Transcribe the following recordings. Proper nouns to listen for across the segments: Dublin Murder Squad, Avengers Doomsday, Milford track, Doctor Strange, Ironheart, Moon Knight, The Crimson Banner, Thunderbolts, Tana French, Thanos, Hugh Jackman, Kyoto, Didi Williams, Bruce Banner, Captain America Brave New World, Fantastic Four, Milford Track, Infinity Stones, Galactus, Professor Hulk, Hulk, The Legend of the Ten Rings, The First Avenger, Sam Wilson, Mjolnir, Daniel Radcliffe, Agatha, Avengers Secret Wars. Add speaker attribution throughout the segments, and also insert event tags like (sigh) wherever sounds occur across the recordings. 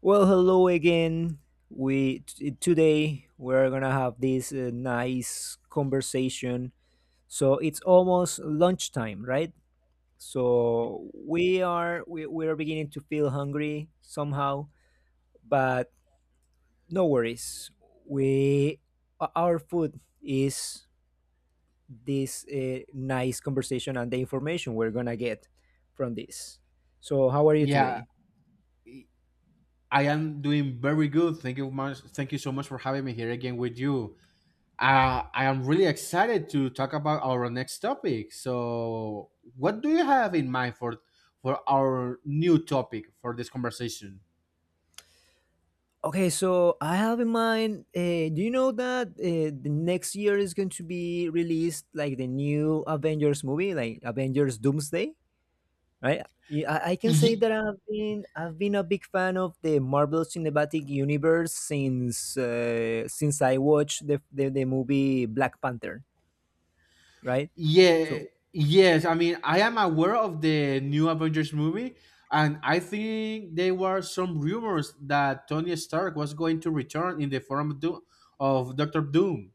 Speaker 1: Well, hello again. Today we're gonna have this nice conversation. So it's almost lunchtime, right? So we are beginning to feel hungry somehow, but no worries. We our food is this nice conversation and the information we're gonna get from this. So how are you
Speaker 2: Yeah,
Speaker 1: today?
Speaker 2: I am doing very good. Thank you much. Thank you so much for having me here again with you. I am really excited to talk about our next topic. So, what do you have in mind for our new topic for this conversation?
Speaker 1: Okay, so I have in mind. Do you know that the next year is going to be released like the new Avengers movie, like Avengers Doomsday, right? Yeah, I can say
Speaker 2: Ye-
Speaker 1: that I've been a big fan of the Marvel Cinematic Universe since I watched the movie Black Panther, right?
Speaker 2: yeah,
Speaker 1: So
Speaker 2: yes. I mean, I am aware of the new Avengers movie, and I think there were some rumors that Tony Stark was going to return in the form of, of Doctor Doom.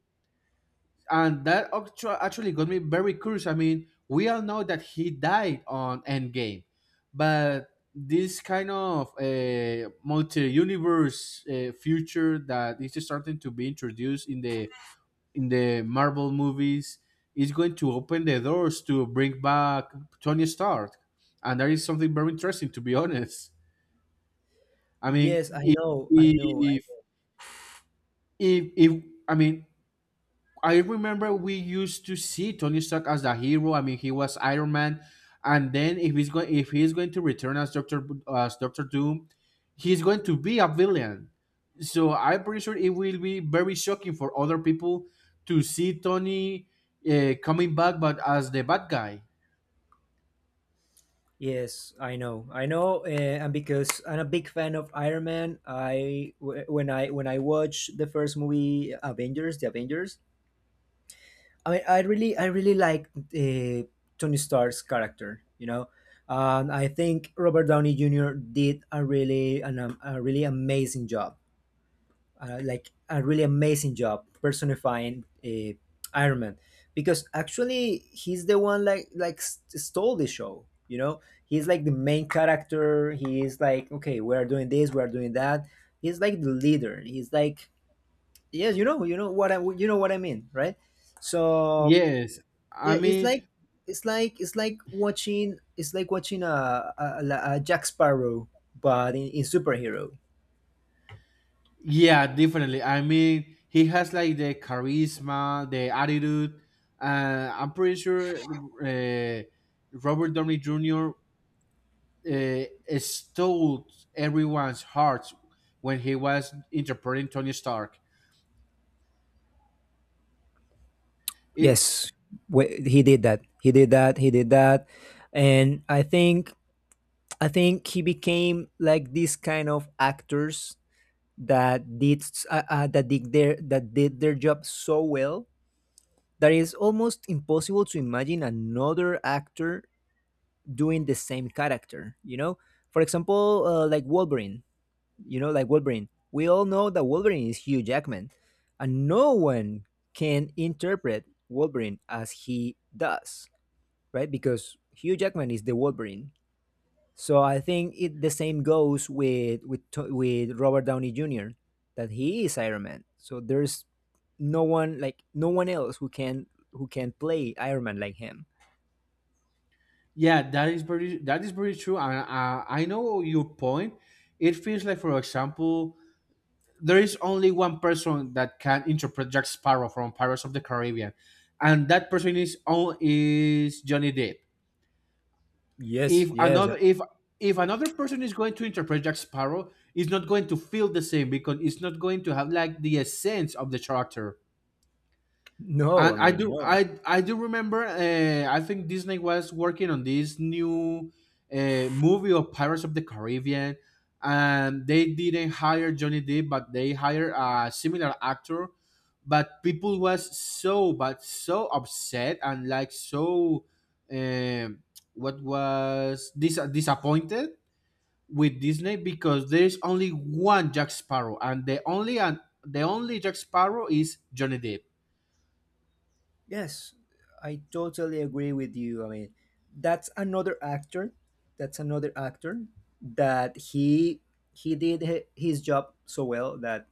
Speaker 2: And that actually got me very curious. I mean, we all know that he died on Endgame, but this kind of multi-universe future that is starting to be introduced in the Marvel movies is going to open the doors to bring back Tony Stark, and that is something very interesting. To be honest, I mean,
Speaker 1: yes, I know, I know.
Speaker 2: if if I mean, I remember we used to see Tony Stark as the hero. I mean, he was Iron Man, and then if he's going to return as as Doctor Doom, he's going to be a villain. So I'm pretty sure it will be very shocking for other people to see Tony coming back, but as the bad guy.
Speaker 1: Yes, I know. I know, and because I'm a big fan of Iron Man, I w- when I watched the first movie Avengers, the Avengers, I mean, I really like Tony Stark's character, you know. And I think Robert Downey Jr. did a really amazing job like a really amazing job personifying Iron Man because actually he's the one stole the show. You know, he's like the main character. He is like, okay, we are doing this, we are doing that. He's like the leader. He's like, yes, you know what I mean, right? So
Speaker 2: Yes,
Speaker 1: yeah,
Speaker 2: I
Speaker 1: it's
Speaker 2: mean
Speaker 1: like it's like it's like watching a Jack Sparrow, but in superhero.
Speaker 2: Yeah, definitely. I mean, he has like the charisma, the attitude. I'm pretty sure uh, Robert Downey Jr. Uh, stole everyone's hearts when he was interpreting Tony Stark. It,
Speaker 1: Yes, he did that. He did that. He did that, and I think he became like these kind of actors that did their that did their job so well that it's almost impossible to imagine another actor doing the same character. You know, for example, like Wolverine. You know, like Wolverine. We all know that Wolverine is Hugh Jackman, and no one can interpret Wolverine as he does, right? Because Hugh Jackman is the Wolverine. So I think it the same goes with Robert Downey Jr. that he is Iron Man. So there's no one, like no one else who can play Iron Man like him.
Speaker 2: yeah, that is very true. And I know your point. It feels like, for example, there is only one person that can interpret Jack Sparrow from Pirates of the Caribbean, and that person is on is Johnny Depp.
Speaker 1: Yes,
Speaker 2: if
Speaker 1: yes,
Speaker 2: another if if another person is going to interpret Jack Sparrow, it's not going to feel the same because it's not going to have like the essence of the character.
Speaker 1: no, I
Speaker 2: And
Speaker 1: mean no.
Speaker 2: I do remember. I think Disney was working on this new movie of Pirates of the Caribbean, and they didn't hire Johnny Depp, but they hired a similar actor. But people was so, but so upset and like so, um, what was disappointed with Disney because there's only one Jack Sparrow, and the only Jack Sparrow is Johnny Depp.
Speaker 1: Yes, I totally agree with you. I mean, that's another actor. That's another actor that he did his job so well that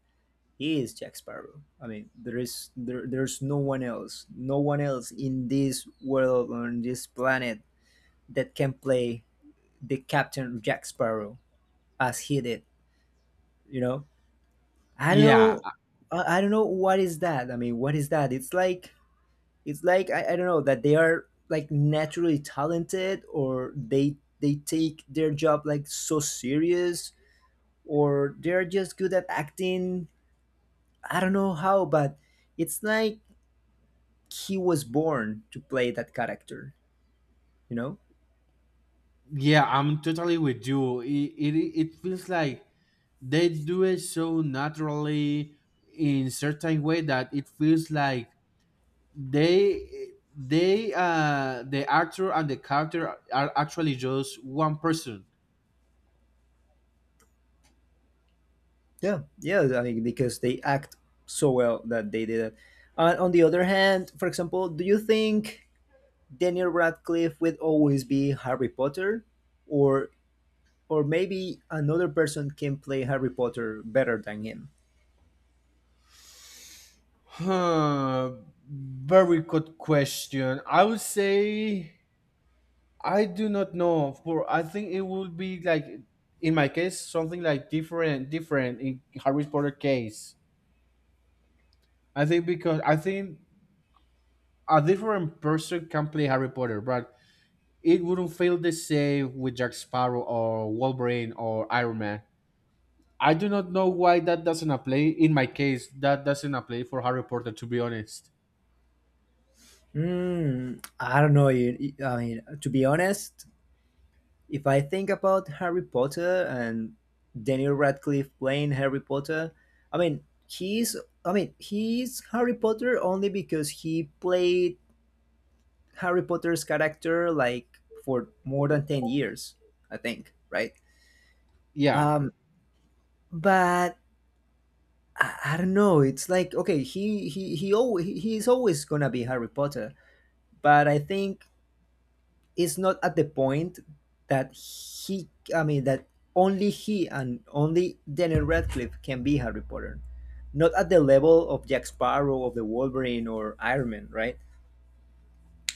Speaker 1: he is Jack Sparrow. I mean, there's no one else, no one else in this world or on this planet that can play the Captain Jack Sparrow as he did. You know, I don't
Speaker 2: Yeah,
Speaker 1: know, I don't know what is that. I mean, what is that? It's like I don't know that they are like naturally talented or they take their job like so serious or they're just good at acting. I don't know how, but it's like he was born to play that character. You know?
Speaker 2: yeah, I'm totally with you. It feels like they do it so naturally in certain way that it feels like they they the actor and the character are actually just one person.
Speaker 1: Yeah. Yeah, I mean because they act so well that they did it. On the other hand, for example, do you think Daniel Radcliffe would always be Harry Potter, or or maybe another person can play Harry Potter better than him?
Speaker 2: Huh, very good question. I would say I do not know. For I think it would be like in my case something like different, different in Harry Potter case. I think a different person can play Harry Potter, but it wouldn't feel the same with Jack Sparrow or Wolverine or Iron Man. I do not know why that doesn't apply. In my case, that doesn't apply for Harry Potter, to be honest.
Speaker 1: Mm, I don't know. I mean, to be honest, if I think about Harry Potter and Daniel Radcliffe playing Harry Potter, I mean, he's I mean, he's Harry Potter only because he played Harry Potter's character like for more than 10 years, I think, right?
Speaker 2: Yeah,
Speaker 1: Um, but I don't know. It's like okay, he's always gonna be Harry Potter, but I think is not at the point that he, I mean, that only he and only Daniel Radcliffe can be Harry Potter. Not at the level of Jack Sparrow, of the Wolverine, or Iron Man, right?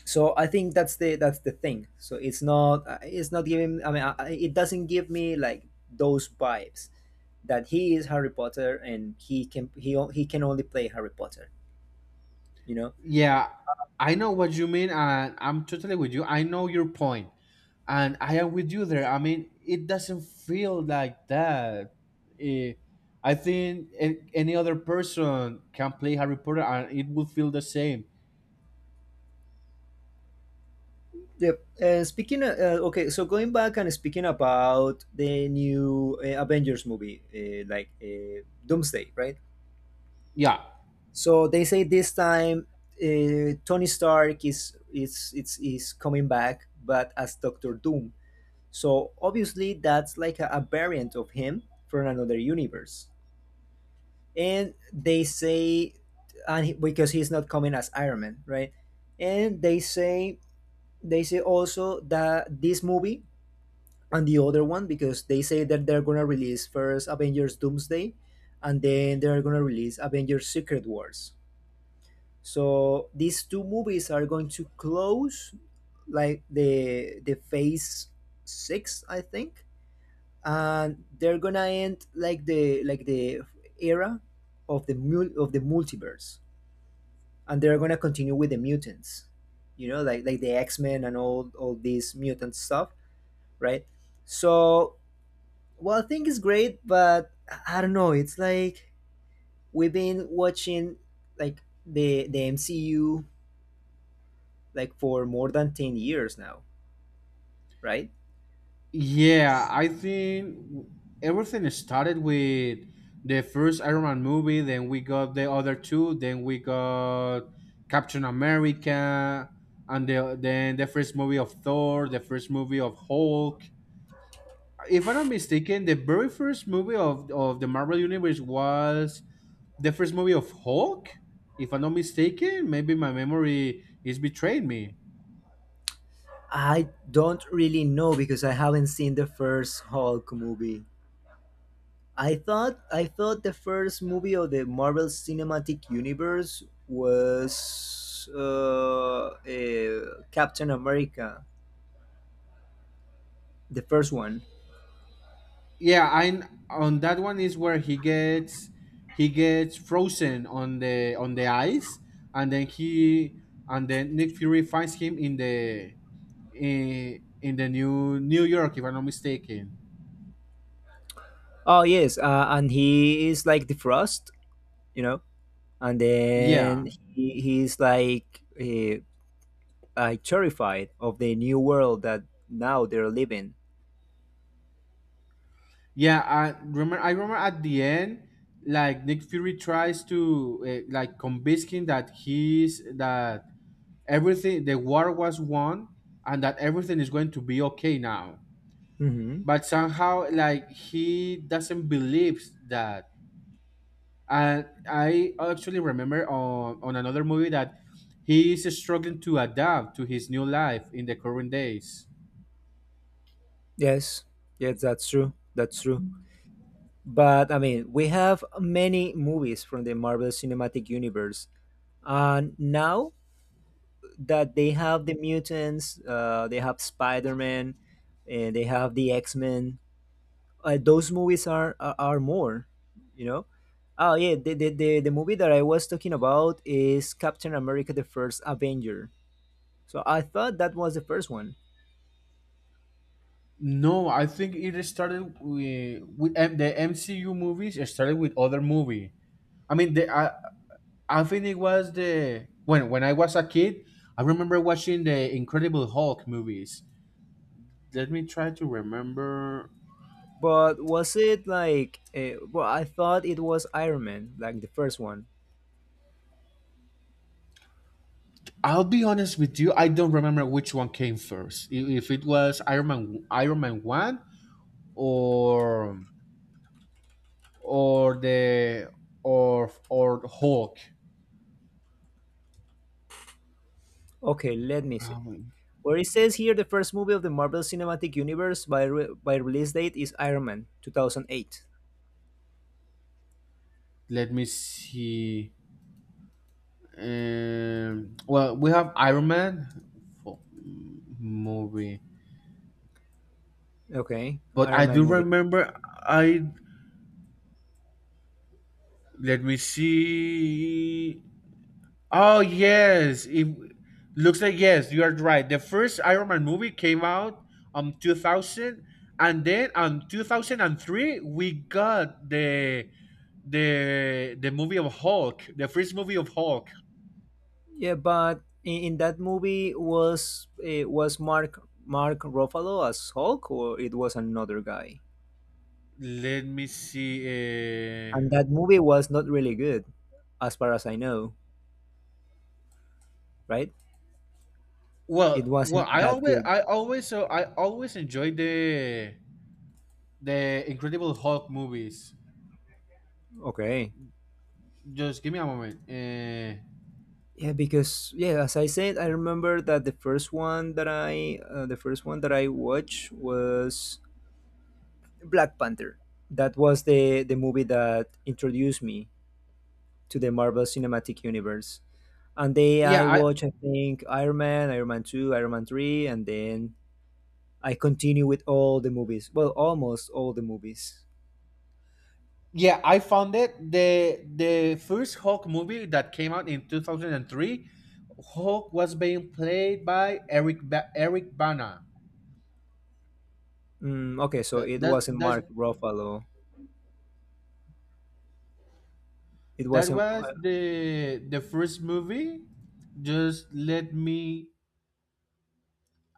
Speaker 1: So I think that's the thing. So it's not giving. I mean, it doesn't give me like those vibes that he is Harry Potter and he can only play Harry Potter. You know,
Speaker 2: yeah, I know what you mean, and I'm totally with you. I know your point, and I am with you there. I mean, it doesn't feel like that. Eh, I think any other person can play Harry Potter, and it would feel the same.
Speaker 1: yep. And speaking, okay, so going back and speaking about the new Avengers movie, like Doomsday, right?
Speaker 2: Yeah,
Speaker 1: So they say this time Tony Stark is coming back, but as Doctor Doom. So obviously that's like a variant of him from another universe. And they say, and he, because he's not coming as Iron Man, right? And they say also that this movie and the other one, because they say that they're gonna release first Avengers Doomsday, and then they're gonna release Avengers Secret Wars. So these two movies are going to close like the phase 6, I think, and they're gonna end like the era of the multiverse, and they're gonna continue with the mutants, you know, like the X Men and all these mutant stuff, right? So well, I think it's great, but I don't know. It's like we've been watching like the MCU like for more than 10 years now, right?
Speaker 2: yeah, I think everything started with the first Iron Man movie, then we got the other two, then we got Captain America, and then the first movie of Thor, the first movie of Hulk. If I'm not mistaken, the very first movie of the Marvel Universe was the first movie of Hulk. If I'm not mistaken, maybe my memory is betraying me.
Speaker 1: I don't really know because I haven't seen the first Hulk movie. I thought the first movie of the Marvel Cinematic Universe was Captain America, the first one.
Speaker 2: Yeah, I on that one is where he gets frozen on the ice, and then he, and then Nick Fury finds him in the in the New York, if I'm not mistaken.
Speaker 1: Oh yes, and he is like the Frost, you know. And
Speaker 2: Yeah,
Speaker 1: then he's like terrified of the new world that now they're living.
Speaker 2: yeah, I remember at the end, like, Nick Fury tries to like convince him that he's that everything, the war was won, and that everything is going to be okay now,
Speaker 1: Hmm.
Speaker 2: but somehow like he doesn't believe that. And I actually remember on another movie that he is struggling to adapt to his new life in the current days.
Speaker 1: Yes, yes, that's true. That's true. But I mean, we have many movies from the Marvel Cinematic Universe, and now that they have the mutants, they have Spider Man, and they have the X Men. Uh, those movies are, are more, you know. Oh yeah, the movie that I was talking about is Captain America the First Avenger, so I thought that was the first one.
Speaker 2: No, I think it started with the MCU movies. It started with other movie. i mean the i, I think it was the when I was a kid. I remember watching the Incredible Hulk movies. Let me try to remember.
Speaker 1: But was it like, well, I thought it was Iron Man, like the first one.
Speaker 2: I'll be honest with you. I don't remember which one came first. If it was Iron Man, Iron Man One, or or the or Hulk.
Speaker 1: Okay, let me see.
Speaker 2: Um,
Speaker 1: Where it says here the first movie of the Marvel Cinematic Universe by by release date is Iron Man 2008.
Speaker 2: let me see. Well, we have Iron Man for movie,
Speaker 1: Okay,
Speaker 2: but
Speaker 1: Iron
Speaker 2: I
Speaker 1: Man
Speaker 2: do
Speaker 1: movie.
Speaker 2: remember. I let me see. Oh yes, it looks like yes, you are right. The first Iron Man movie came out 2000, and then on 2003 we got the movie of Hulk, the first movie of Hulk.
Speaker 1: Yeah, but in that movie was, eh, was Mark Ruffalo as Hulk, or it was another guy?
Speaker 2: Let me see. uh,
Speaker 1: And that movie was not really good, as far as I know, right? It
Speaker 2: well
Speaker 1: wasn't
Speaker 2: I
Speaker 1: that
Speaker 2: always
Speaker 1: good.
Speaker 2: I always enjoy the Incredible Hulk movies.
Speaker 1: Okay.
Speaker 2: Just give me a moment.
Speaker 1: Yeah, because yeah, as I said, I remember that the first one that I watched was Black Panther. That was the movie that introduced me to the Marvel Cinematic Universe. And then I
Speaker 2: Yeah,
Speaker 1: watch, I think, Iron Man, Iron Man 2, Iron Man 3, and then I continue with all the movies. Well, almost all the movies.
Speaker 2: yeah, I found it, the first Hulk movie that came out in 2003. Hulk was being played by Eric Bana.
Speaker 1: Mm, okay, so
Speaker 2: That
Speaker 1: it
Speaker 2: that
Speaker 1: wasn't Mark
Speaker 2: that
Speaker 1: Ruffalo. It
Speaker 2: that
Speaker 1: wasn't.
Speaker 2: was the first movie. Just let me,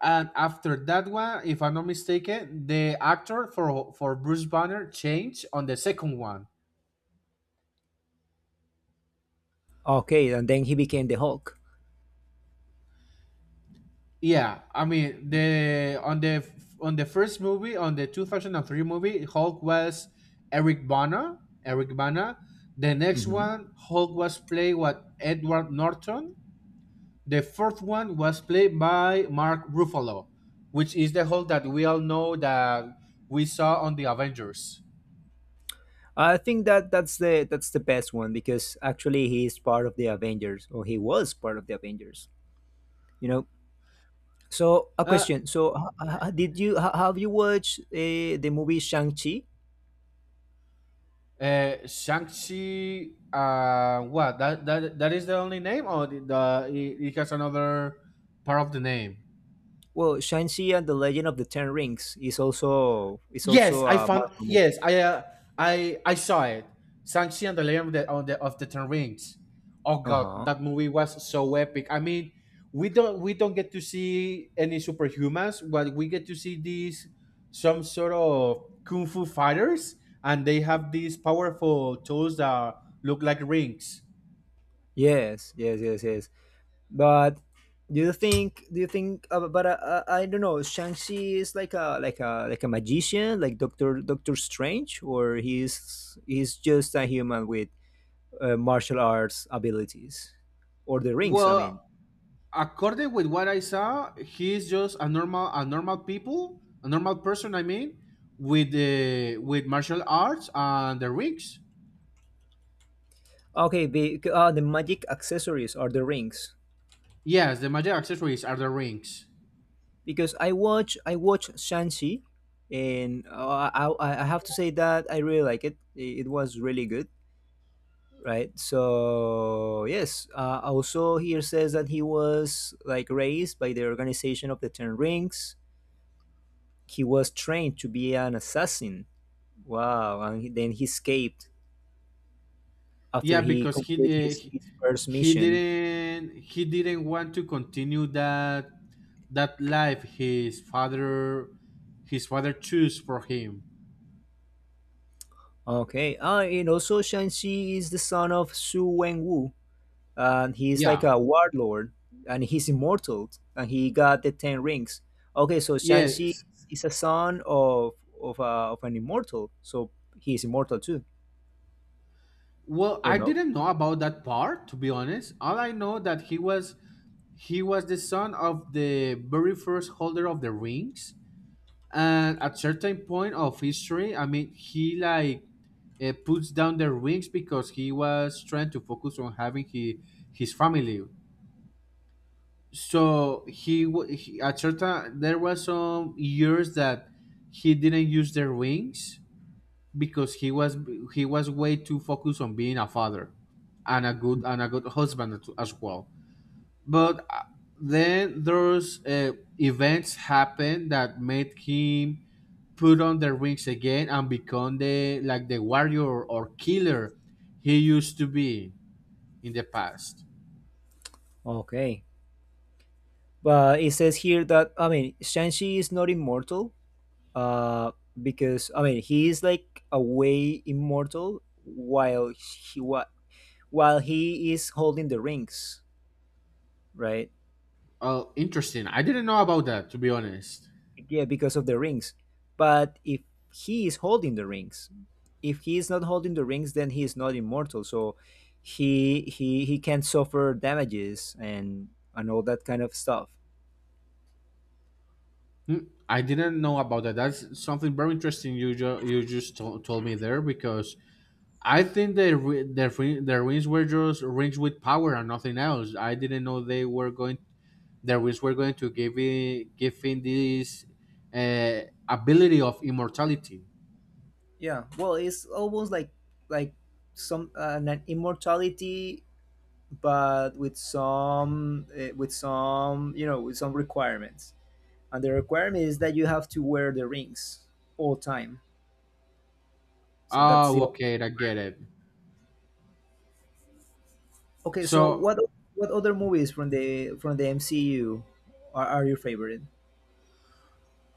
Speaker 2: and after that one, if I'm not mistaken, the actor for Bruce Banner changed on the second one.
Speaker 1: Okay, and then he became the Hulk.
Speaker 2: Yeah, I mean the on the on the first movie, on the 2003 movie, Hulk was Eric Bana. The next
Speaker 1: Hmm.
Speaker 2: one Hulk was played what Edward Norton. The fourth one was played by Mark Ruffalo, which is the Hulk that we all know that we saw on the Avengers.
Speaker 1: I think that that's the best one because actually he is part of the Avengers, or he was part of the Avengers. You know. So a
Speaker 2: Uh,
Speaker 1: question. So have you watched the movie Shang Chi?
Speaker 2: Shang-Chi, what? That is the only name, or the, it has another part of the name?
Speaker 1: Well, Shang-Chi and the Legend of the Ten Rings is
Speaker 2: Yes,
Speaker 1: also
Speaker 2: I
Speaker 1: a
Speaker 2: found.
Speaker 1: Marvel movie.
Speaker 2: Yes, I saw it. Sanchi and the Legend of the of the Ten Rings. Oh god,
Speaker 1: Uh-huh.
Speaker 2: that movie was so epic. I mean, we don't get to see any superhumans, but we get to see these some sort of kung fu fighters, and they have these powerful tools that look like rings.
Speaker 1: Yes, yes, yes, yes. But do you think, but I don't know, Shang-Chi is like a like a magician, like Doctor Strange, or he's just a human with martial arts abilities or the rings, I
Speaker 2: Well,
Speaker 1: mean.
Speaker 2: according with what I saw, he's just a normal people, a normal person. I mean, with the with martial arts and the rings.
Speaker 1: Okay, the magic accessories are the rings.
Speaker 2: Yes, the magic accessories are the rings.
Speaker 1: Because I watch Shang-Chi and I have to say that I really like it. It was really good, right? So yes, also here says that he was like raised by the organization of the Ten Rings. He was trained to be an assassin. Wow, and then he escaped after
Speaker 2: Yeah,
Speaker 1: he
Speaker 2: because
Speaker 1: completed his first mission.
Speaker 2: he didn't want to continue that life his father chose for him.
Speaker 1: Okay, ah, and also Shang-Chi is the son of Su Wen, and he's like
Speaker 2: Yeah.
Speaker 1: a warlord, and he's immortal, and he got the 10 rings. Okay, so Shang-Chi
Speaker 2: Yes.
Speaker 1: is a son of of an immortal, so he's immortal too,
Speaker 2: Well,
Speaker 1: or
Speaker 2: I
Speaker 1: not?
Speaker 2: didn't know about that part to be honest. All I know that he was the son of the very first holder of the rings, and at certain point of history, I mean, he like, puts down the rings because he was trying to focus on his family. So he, at certain, there was some years that he didn't use the rings because he was way too focused on being a father and a good husband as well. But then those events happened that made him put on the rings again and become the warrior or killer he used to be in the past.
Speaker 1: Okay, but it says here that, I mean, Shang-Chi is not immortal, uh, because, I mean, he is like a way immortal while while he is holding the rings, right?
Speaker 2: Oh, interesting, I didn't know about that, to be honest.
Speaker 1: Yeah, because of the rings. But if he is holding the rings, if he is not holding the rings, then he is not immortal. So he can suffer damages and all that kind of stuff.
Speaker 2: Hmm, I didn't know about that. That's something very interesting you you just told me there, because I think the rings were just rings with power and nothing else. I didn't know they were going, the Reeds were going to give give him this uh, ability of immortality.
Speaker 1: Yeah. Well, it's almost like some, an immortality, but with some, with some, you know, with some requirements. And the requirement is that you have to wear the rings all time. So that's
Speaker 2: Oh,
Speaker 1: the.
Speaker 2: okay, I get it.
Speaker 1: Okay, so
Speaker 2: So,
Speaker 1: what what other movies from the MCU are your favorite?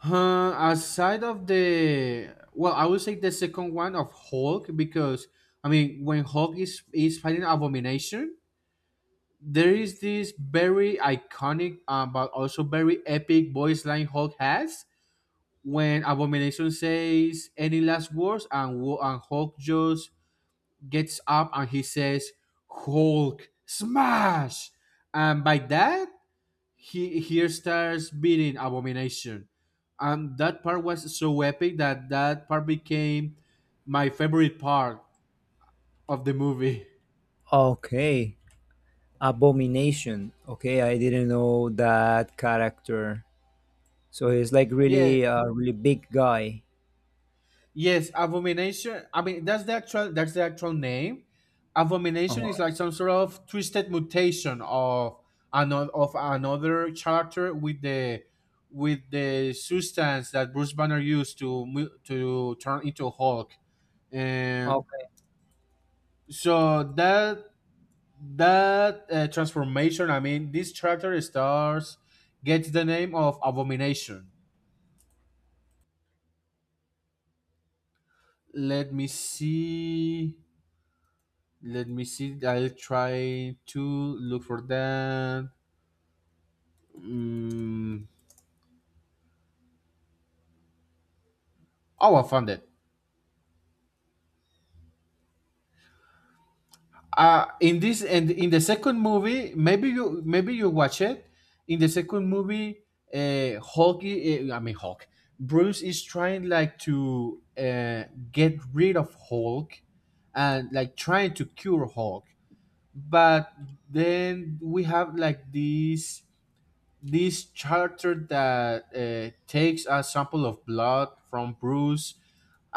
Speaker 2: aside of the, well, I would say the second one of Hulk, because I mean, when Hulk is fighting Abomination, there is this very iconic but also very epic voice line Hulk has when Abomination says any last words, and and Hulk just gets up and he says, "Hulk, smash!" And by that, he starts beating Abomination. And that part was so epic that that part became my favorite part of the movie. (laughs)
Speaker 1: Okay, Abomination. Okay, I didn't know that character. So he's like
Speaker 2: Yeah,
Speaker 1: really a really big guy.
Speaker 2: yes, Abomination. I mean, that's the actual name.
Speaker 1: Uh
Speaker 2: Abomination
Speaker 1: huh.
Speaker 2: is like some sort of twisted mutation of another character with the substance that Bruce Banner used to to turn into Hulk. And
Speaker 1: Okay.
Speaker 2: so that transformation, I mean, this character stars gets the name of Abomination. Let me see. Let me see. I'll try to look for that. Mm, oh, I found it. In this, and in the second movie, maybe you watch it. In the second movie, I mean Hulk. Bruce is trying like to get rid of Hulk, and like trying to cure Hulk. But then we have like this. This charter that takes a sample of blood from Bruce,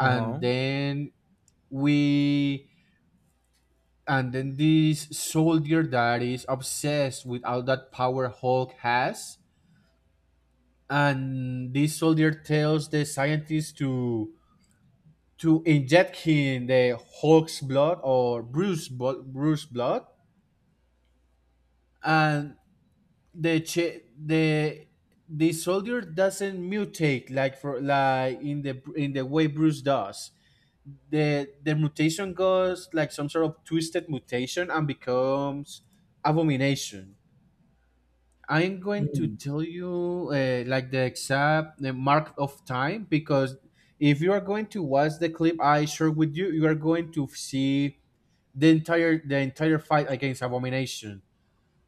Speaker 1: Uh huh.
Speaker 2: then we and then this soldier that is obsessed with all that power Hulk has, and this soldier tells the scientist to inject him the Hulk's blood or Bruce blood, and the the soldier doesn't mutate like for like in the way Bruce does. The mutation goes like some sort of twisted mutation and becomes abomination. I'm going to
Speaker 1: Mm.
Speaker 2: tell you like the exact the mark of time because if you are going to watch the clip I shared with you, you are going to see the entire fight against abomination,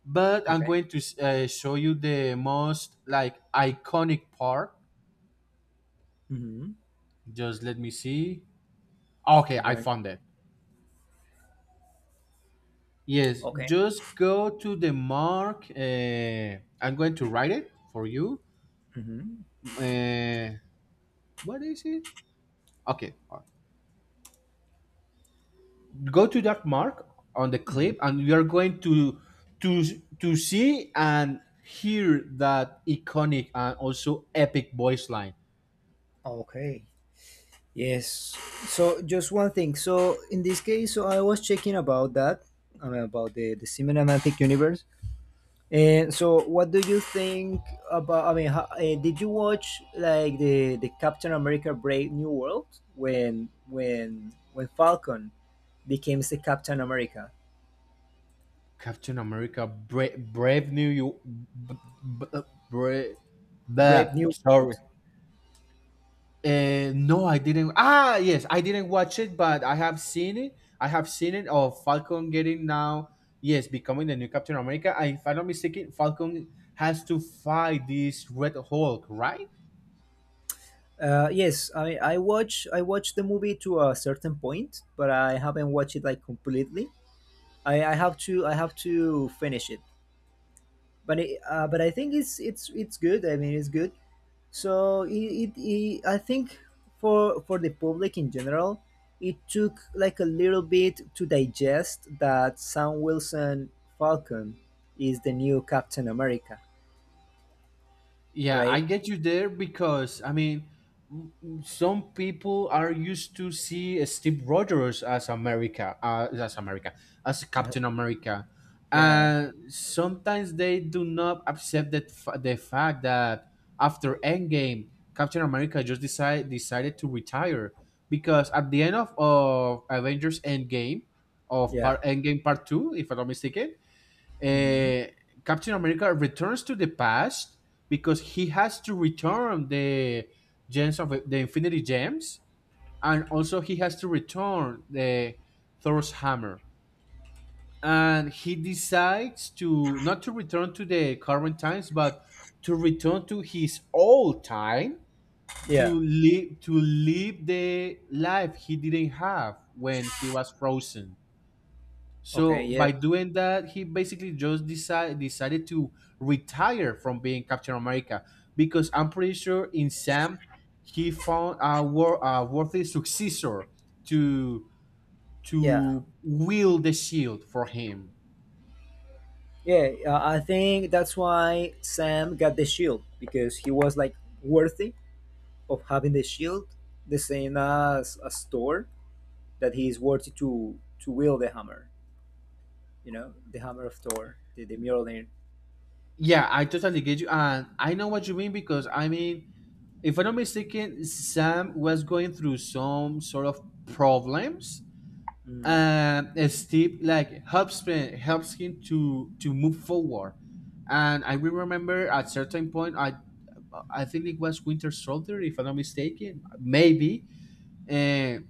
Speaker 2: but I'm
Speaker 1: Okay.
Speaker 2: going to show you the most like iconic part.
Speaker 1: Mm-hmm.
Speaker 2: Just let me see. Okay, I
Speaker 1: Okay.
Speaker 2: found it. Yes,
Speaker 1: Okay.
Speaker 2: just go to the mark. I'm going to write it for you.
Speaker 1: Mm-hmm.
Speaker 2: Uh, what is it? Okay, go to that mark on the
Speaker 1: Mm-hmm.
Speaker 2: clip, and you are going to to see and hear that iconic and also epic voice line.
Speaker 1: Okay. Yes. So just one thing. So in this case, so I was checking about that, I mean, about the cinematic universe. And so, what do you think about? I mean, how, did you watch like the Captain America Brave New World when when Falcon became the Captain America
Speaker 2: Captain America, Brave New York, b- Brave, blah,
Speaker 1: Brave New
Speaker 2: sorry.
Speaker 1: World?
Speaker 2: No, I didn't. Ah, yes, I didn't watch it, but I have seen it. I have seen it of Falcon getting now, yes, becoming the new Captain America. I, if I'm not mistaken, Falcon has to fight this Red Hulk, right?
Speaker 1: Yes, I mean, I watched the movie to a certain point, but I haven't watched it like completely. I have to finish it, but but I think it's good. I mean, it's good. So it I think for the public in general, it took like a little bit to digest that Sam Wilson Falcon is the new Captain America,
Speaker 2: Yeah, I
Speaker 1: right?
Speaker 2: get you there because I mean, some people are used to see Steve Rogers as America, as
Speaker 1: Uh,
Speaker 2: Captain America,
Speaker 1: yeah,
Speaker 2: and sometimes they do not accept that the fact that after Endgame, Captain America just decided to retire because at the end of Avengers Endgame, of
Speaker 1: yeah,
Speaker 2: part Endgame Part Two, if I'm not mistaken,
Speaker 1: hmm
Speaker 2: uh, Captain America returns to the past because he has to return the gems of the Infinity Gems, and also he has to return the Thor's hammer. And he decides to not to return to the current times, but to return to his old time
Speaker 1: yeah.
Speaker 2: to live the life he didn't have when he was frozen.
Speaker 1: Okay,
Speaker 2: So by doing that, he basically just decided to retire from being Captain America because I'm pretty sure in Sam he found a worthy successor to
Speaker 1: yeah,
Speaker 2: to wield the shield for him.
Speaker 1: yeah. I think that's why Sam got the shield because he was like worthy of having the shield, the same as Thor, that he is worthy to wield the hammer. You know, the hammer of Thor, the Mjolnir.
Speaker 2: Yeah, I totally get you, and I know what you mean because I mean, if I'm not mistaken, Sam was going through some sort of problems
Speaker 1: Mm.
Speaker 2: and Steve like helps him to move forward. And I will remember at certain point, I think it was Winter Soldier, if I'm not mistaken, maybe. And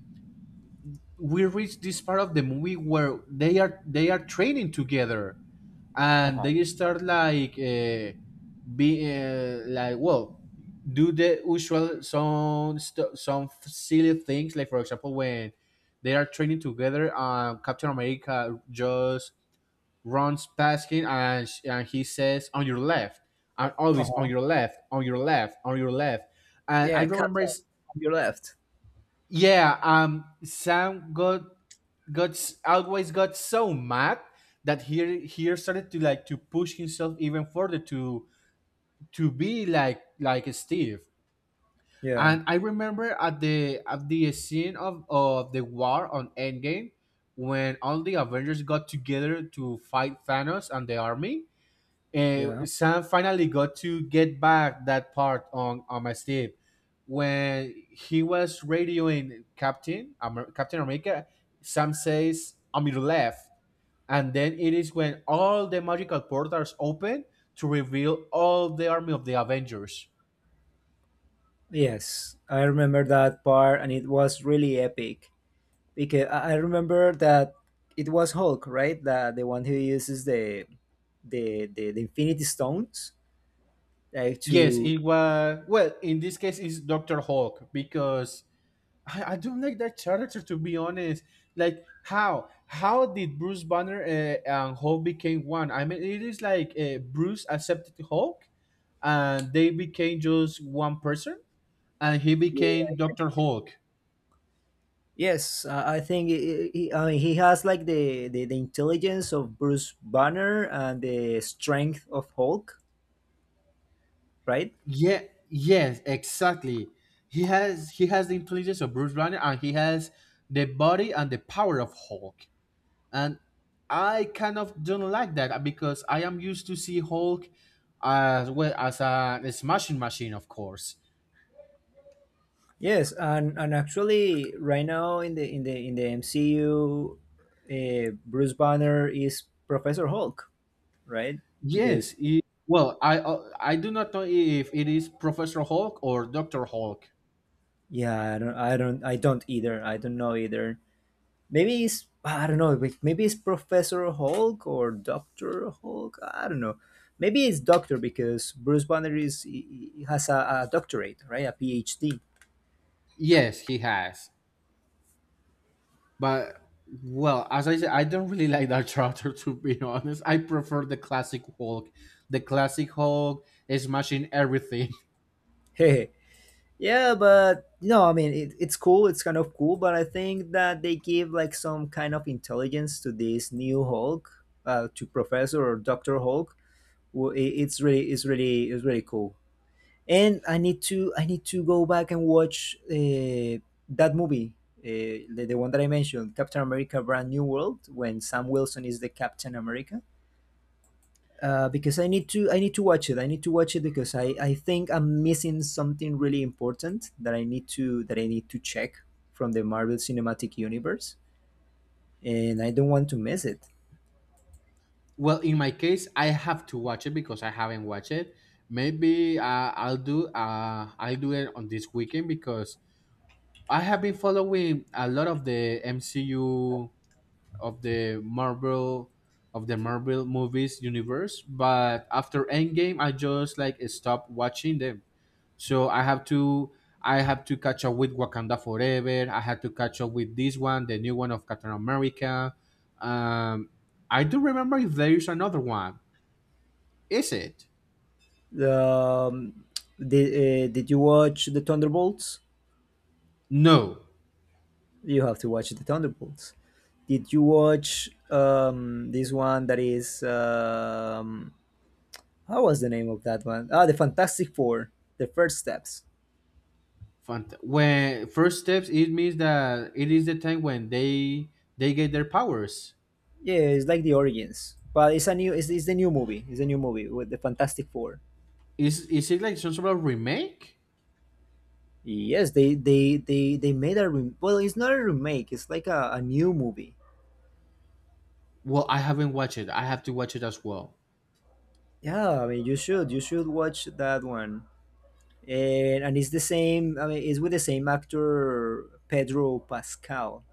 Speaker 2: we reach this part of the movie where they are training together,
Speaker 1: Uh
Speaker 2: and
Speaker 1: huh.
Speaker 2: they start like. Be like well do the usual some silly things like for example when they are training together, Captain America just runs past him and, and he says, on your left, and
Speaker 1: Uh
Speaker 2: always on
Speaker 1: huh.
Speaker 2: your left, on your left, on your left. And I
Speaker 1: Yeah, cut
Speaker 2: remember
Speaker 1: off on your left.
Speaker 2: yeah, Sam got always got so mad that he started to like to push himself even further to be like Steve.
Speaker 1: Yeah.
Speaker 2: And I remember at the scene of the war on Endgame, when all the Avengers got together to fight Thanos and the army,
Speaker 1: Yeah.
Speaker 2: Sam finally got to get back that part on my Steve when he was radioing Captain America. Sam says, "On your left," and then it is when all the magical portals open to reveal all the army of the Avengers.
Speaker 1: Yes, I remember that part, and it was really epic because I remember that it was Hulk, right? That the one who uses the Infinity Stones, like
Speaker 2: Yes,
Speaker 1: to.
Speaker 2: it was. Well, in this case, it's Doctor Hulk because I don't like that character, to be honest. Like how did Bruce Banner and Hulk became one? I mean, it is like Bruce accepted Hulk and they became just one person, and he
Speaker 1: Yeah.
Speaker 2: became Doctor Hulk.
Speaker 1: Yes, I think I mean, he has like the intelligence of Bruce Banner and the strength of Hulk, right?
Speaker 2: Yeah, yes, exactly. He has the intelligence of Bruce Banner and he has the body and the power of Hulk. And I kind of don't like that because I am used to see Hulk as well as a smashing machine, of course.
Speaker 1: Yes, and actually, right now in the MCU, Bruce Banner is Professor Hulk, right?
Speaker 2: Yes,
Speaker 1: Because
Speaker 2: it, well, I do not know if it is Professor Hulk or Doctor Hulk.
Speaker 1: yeah, I don't, I don't, I don't either. I don't know either. Maybe it's I don't know. Maybe it's Professor Hulk or Doctor Hulk. I don't know. Maybe it's Doctor because Bruce Banner he has a doctorate, right? A PhD.
Speaker 2: Yes, he has, but well, as I said, I don't really (laughs) like that character, to be honest. I prefer the classic Hulk. The classic Hulk is smashing everything.
Speaker 1: (laughs) Hehe. Yeah, but no, I mean it's cool. It's kind of cool, but I think that they give like some kind of intelligence to this new Hulk, to Professor or Doctor Hulk. Well, it, it's really, it's really, it's really cool. And I need to go back and watch that movie, the one that I mentioned, Captain America: Brand New World, when Sam Wilson is the Captain America because I need to watch it. I need to watch it because I think I'm missing something really important that I need to that I need to check from the Marvel Cinematic Universe, and I don't want to miss it.
Speaker 2: Well, in my case, I have to watch it because I haven't watched it. Maybe I'll do it on this weekend because I have been following a lot of the MCU of the Marvel movies universe. But after Endgame, I just like stopped watching them. So I have to catch up with Wakanda Forever. I had to catch up with this one, the new one of Captain America. Um, I do remember if there is another one. Is it?
Speaker 1: Um, did you watch the Thunderbolts?
Speaker 2: No.
Speaker 1: You have to watch the Thunderbolts. Did you watch this one that is how was the name of that one? Ah, the Fantastic Four, the First Steps.
Speaker 2: When first steps, it means that it is the time when they get their powers.
Speaker 1: Yeah, it's like the origins, but it's a new. It's the new movie. It's a new movie with the Fantastic Four.
Speaker 2: Is it like some sort of remake?
Speaker 1: Yes, they made a rem- well. It's not a remake. It's like a new movie.
Speaker 2: Well, I haven't watched it. I have to watch it as well.
Speaker 1: Yeah, I mean you should watch that one. And it's the same. I mean, it's with the same actor Pedro Pascal.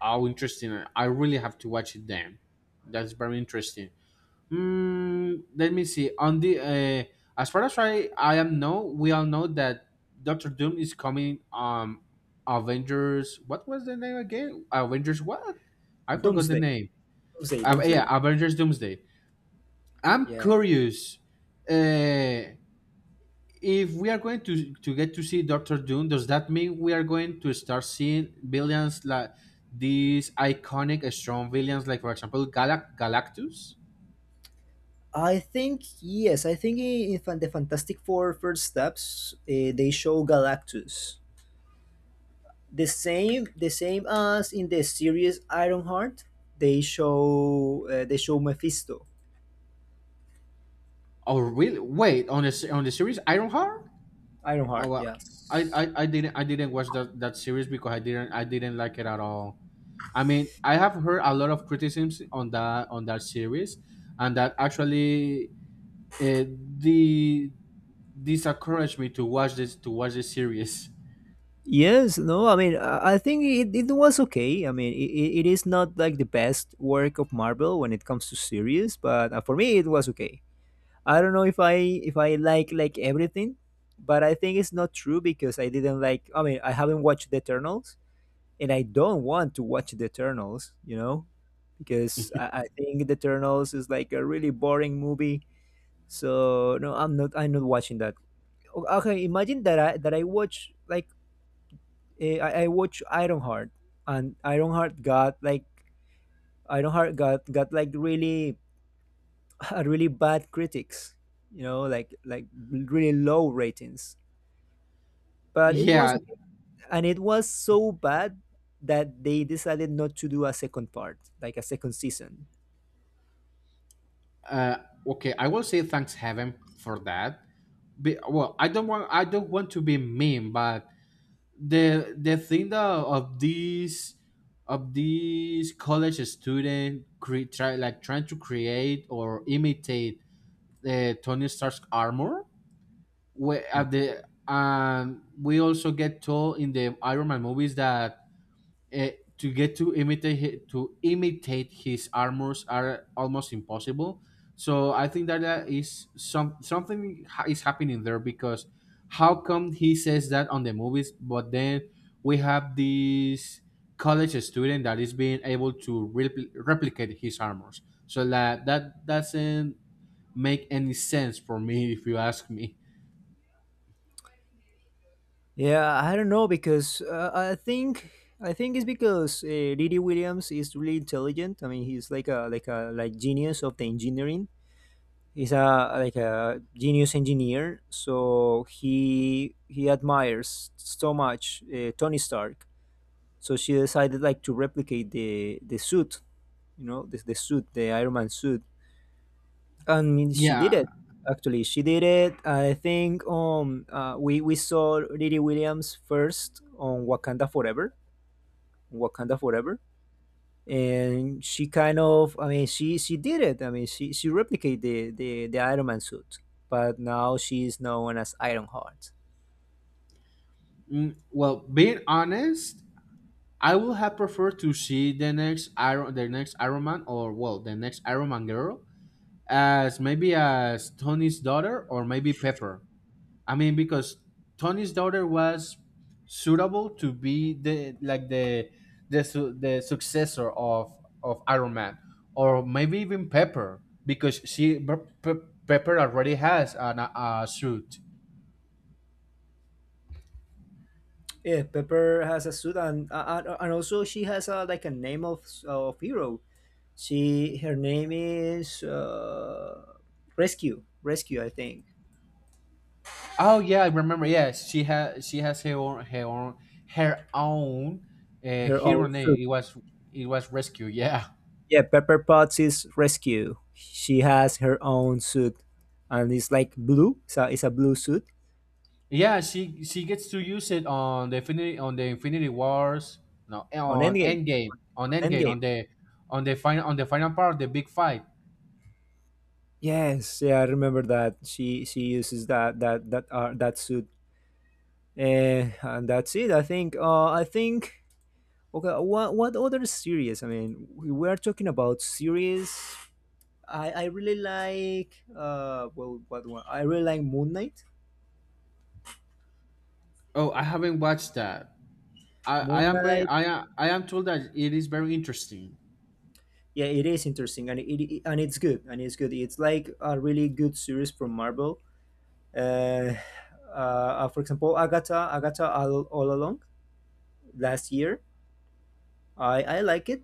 Speaker 2: How interesting! I really have to watch it then. That's very interesting. Mm, let me see. On the as far as I am know, we all know that Doctor Doom is coming. Avengers. What was the name again? Avengers. What? I forgot the
Speaker 1: Doomsday,
Speaker 2: name. Yeah,
Speaker 1: Doomsday.
Speaker 2: Avengers Doomsday. I'm
Speaker 1: Yeah.
Speaker 2: curious. Uh, if we are going to get to see Doctor Doom, does that mean we are going to start seeing villains like these iconic, strong villains, like for example, Galactus?
Speaker 1: I think yes. I think in Fan- the Fantastic Four first steps, they show Galactus the same as in the series Ironheart. They show Mephisto,
Speaker 2: Oh, really? Wait, on on the series Ironheart? Oh,
Speaker 1: Ironheart.
Speaker 2: well,
Speaker 1: Yeah.
Speaker 2: I didn't watch that series because I didn't like it at all. I mean, I have heard a lot of criticisms on that series, and that actually it, the this encouraged me to watch this series. (laughs)
Speaker 1: Yes. No. I mean, I think it was okay. I mean, it it is not like the best work of Marvel when it comes to series, but for me, it was okay. I don't know if I like everything, but I think it's not true because I didn't like. I mean, I haven't watched the Eternals, and I don't want to watch the Eternals, you know, because I think the Eternals is like a really boring movie. So no, I'm not. I'm not watching that. O- Okay, imagine that I watch like I watch Ironheart, and Ironheart got like really (laughs) really bad critics, you know, like really low ratings. But it was
Speaker 2: Yeah.
Speaker 1: okay, and it was so bad that they decided not to do a second part, like a second season.
Speaker 2: Uh, okay. I will say thanks heaven for that. Well, I don't want to be mean, but the thing that of these college student try like trying to create or imitate the Tony Stark's armor. We
Speaker 1: Mm.
Speaker 2: at the we also get told in the Iron Man movies that Uh, to get to imitate to imitate his armors are almost impossible. So I think that that is some is happening there because how come he says that on the movies, but then we have this college student that is being able to replicate his armors. So that doesn't make any sense for me (laughs) if you ask me.
Speaker 1: Yeah, I don't know because I think it's because Didi Williams is really intelligent. I mean, he's like a like genius of the engineering. He's a like a genius engineer. So he admires so much Tony Stark. So she decided like to replicate the suit, you know, the suit, the Iron Man suit. I mean, she did
Speaker 2: Yeah.
Speaker 1: it. Actually, she did it. I think we saw Lily Williams first on Wakanda Forever, Wakanda Forever, and she kind of I mean she did it. I mean she replicated the Iron Man suit, but now she's known as Ironheart.
Speaker 2: Mm, well, being honest, I would have preferred to see the next Iron Man, or well, the next Iron Man girl as maybe as Tony's daughter or maybe Pepper. I mean, because Tony's daughter was suitable to be the like the the successor of Iron Man, or maybe even Pepper because Pepper already has an, a suit.
Speaker 1: Yeah, Pepper has a suit, and also she has a, like a name of hero. She her name is Rescue I think.
Speaker 2: Oh yeah, I remember. Yes, she has she has her own
Speaker 1: Her
Speaker 2: hero
Speaker 1: own suit.
Speaker 2: name. It was Rescue. (laughs) Yeah,
Speaker 1: Yeah, Pepper Potts' is rescue. She has her own suit, and it's like blue. So it's a blue suit
Speaker 2: yeah. She gets to use it on the Infinity Wars. No,
Speaker 1: on
Speaker 2: on
Speaker 1: Endgame.
Speaker 2: Endgame, on
Speaker 1: On
Speaker 2: Endgame,
Speaker 1: Endgame.
Speaker 2: on the final part the big fight.
Speaker 1: Yes, yeah, I remember that. She uses that suit. Eh, and that's it. I think. I think. Okay, what other series? I mean, we were talking about series. I really like. Well, what one? I really like Moon Knight.
Speaker 2: Oh, I haven't watched that. I
Speaker 1: Moon
Speaker 2: am very
Speaker 1: Knight.
Speaker 2: I am told that it is very interesting.
Speaker 1: Yeah, it is interesting and it's good it's like a really good series from Marvel. Uh, uh, for example, Agatha all along last year. I like it.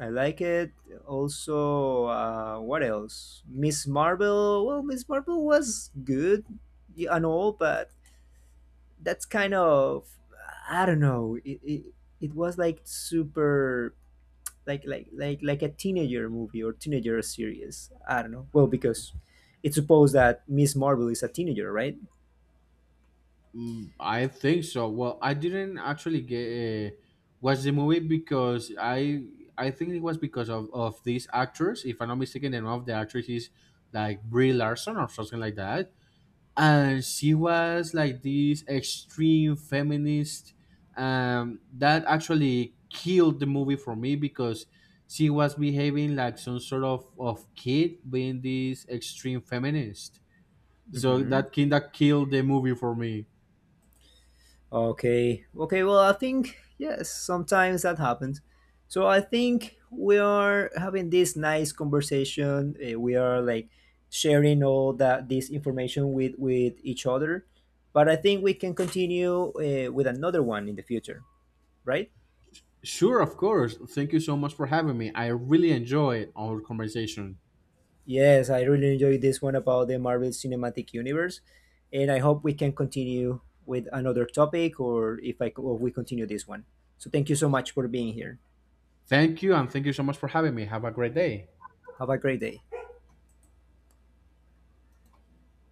Speaker 1: I like it. Also, uh, what else? Miss Marvel, well, Miss Marvel was good, yeah, and all but that's kind of I don't know it it was like super like a teenager movie or teenager series. I don't know. Well, because it's supposed that Miss Marvel is a teenager, right?
Speaker 2: Mm, I think so. Well, I didn't actually get watch the movie because I think it was because of this actress. If I'm not mistaken, the name of the actress is like Brie Larson or something like that, and she was like this extreme feminist. That actually killed the movie for me because she was behaving like some sort of kid being this extreme feminist. So
Speaker 1: Hmm.
Speaker 2: that kind of killed the movie for me.
Speaker 1: Okay, okay. Well, I think yes, sometimes that happens. So I think we are having this nice conversation. We are like sharing all that this information with each other. But I think we can continue with another one in the future, right?
Speaker 2: Sure, of course. Thank you so much for having me. I really enjoyed our conversation.
Speaker 1: Yes, I really enjoyed this one about the Marvel Cinematic Universe, and I hope we can continue with another topic, or if I or we continue this one. So thank you so much for being here.
Speaker 2: Thank you, and thank you so much for having me. Have a great day.
Speaker 1: Have a great day.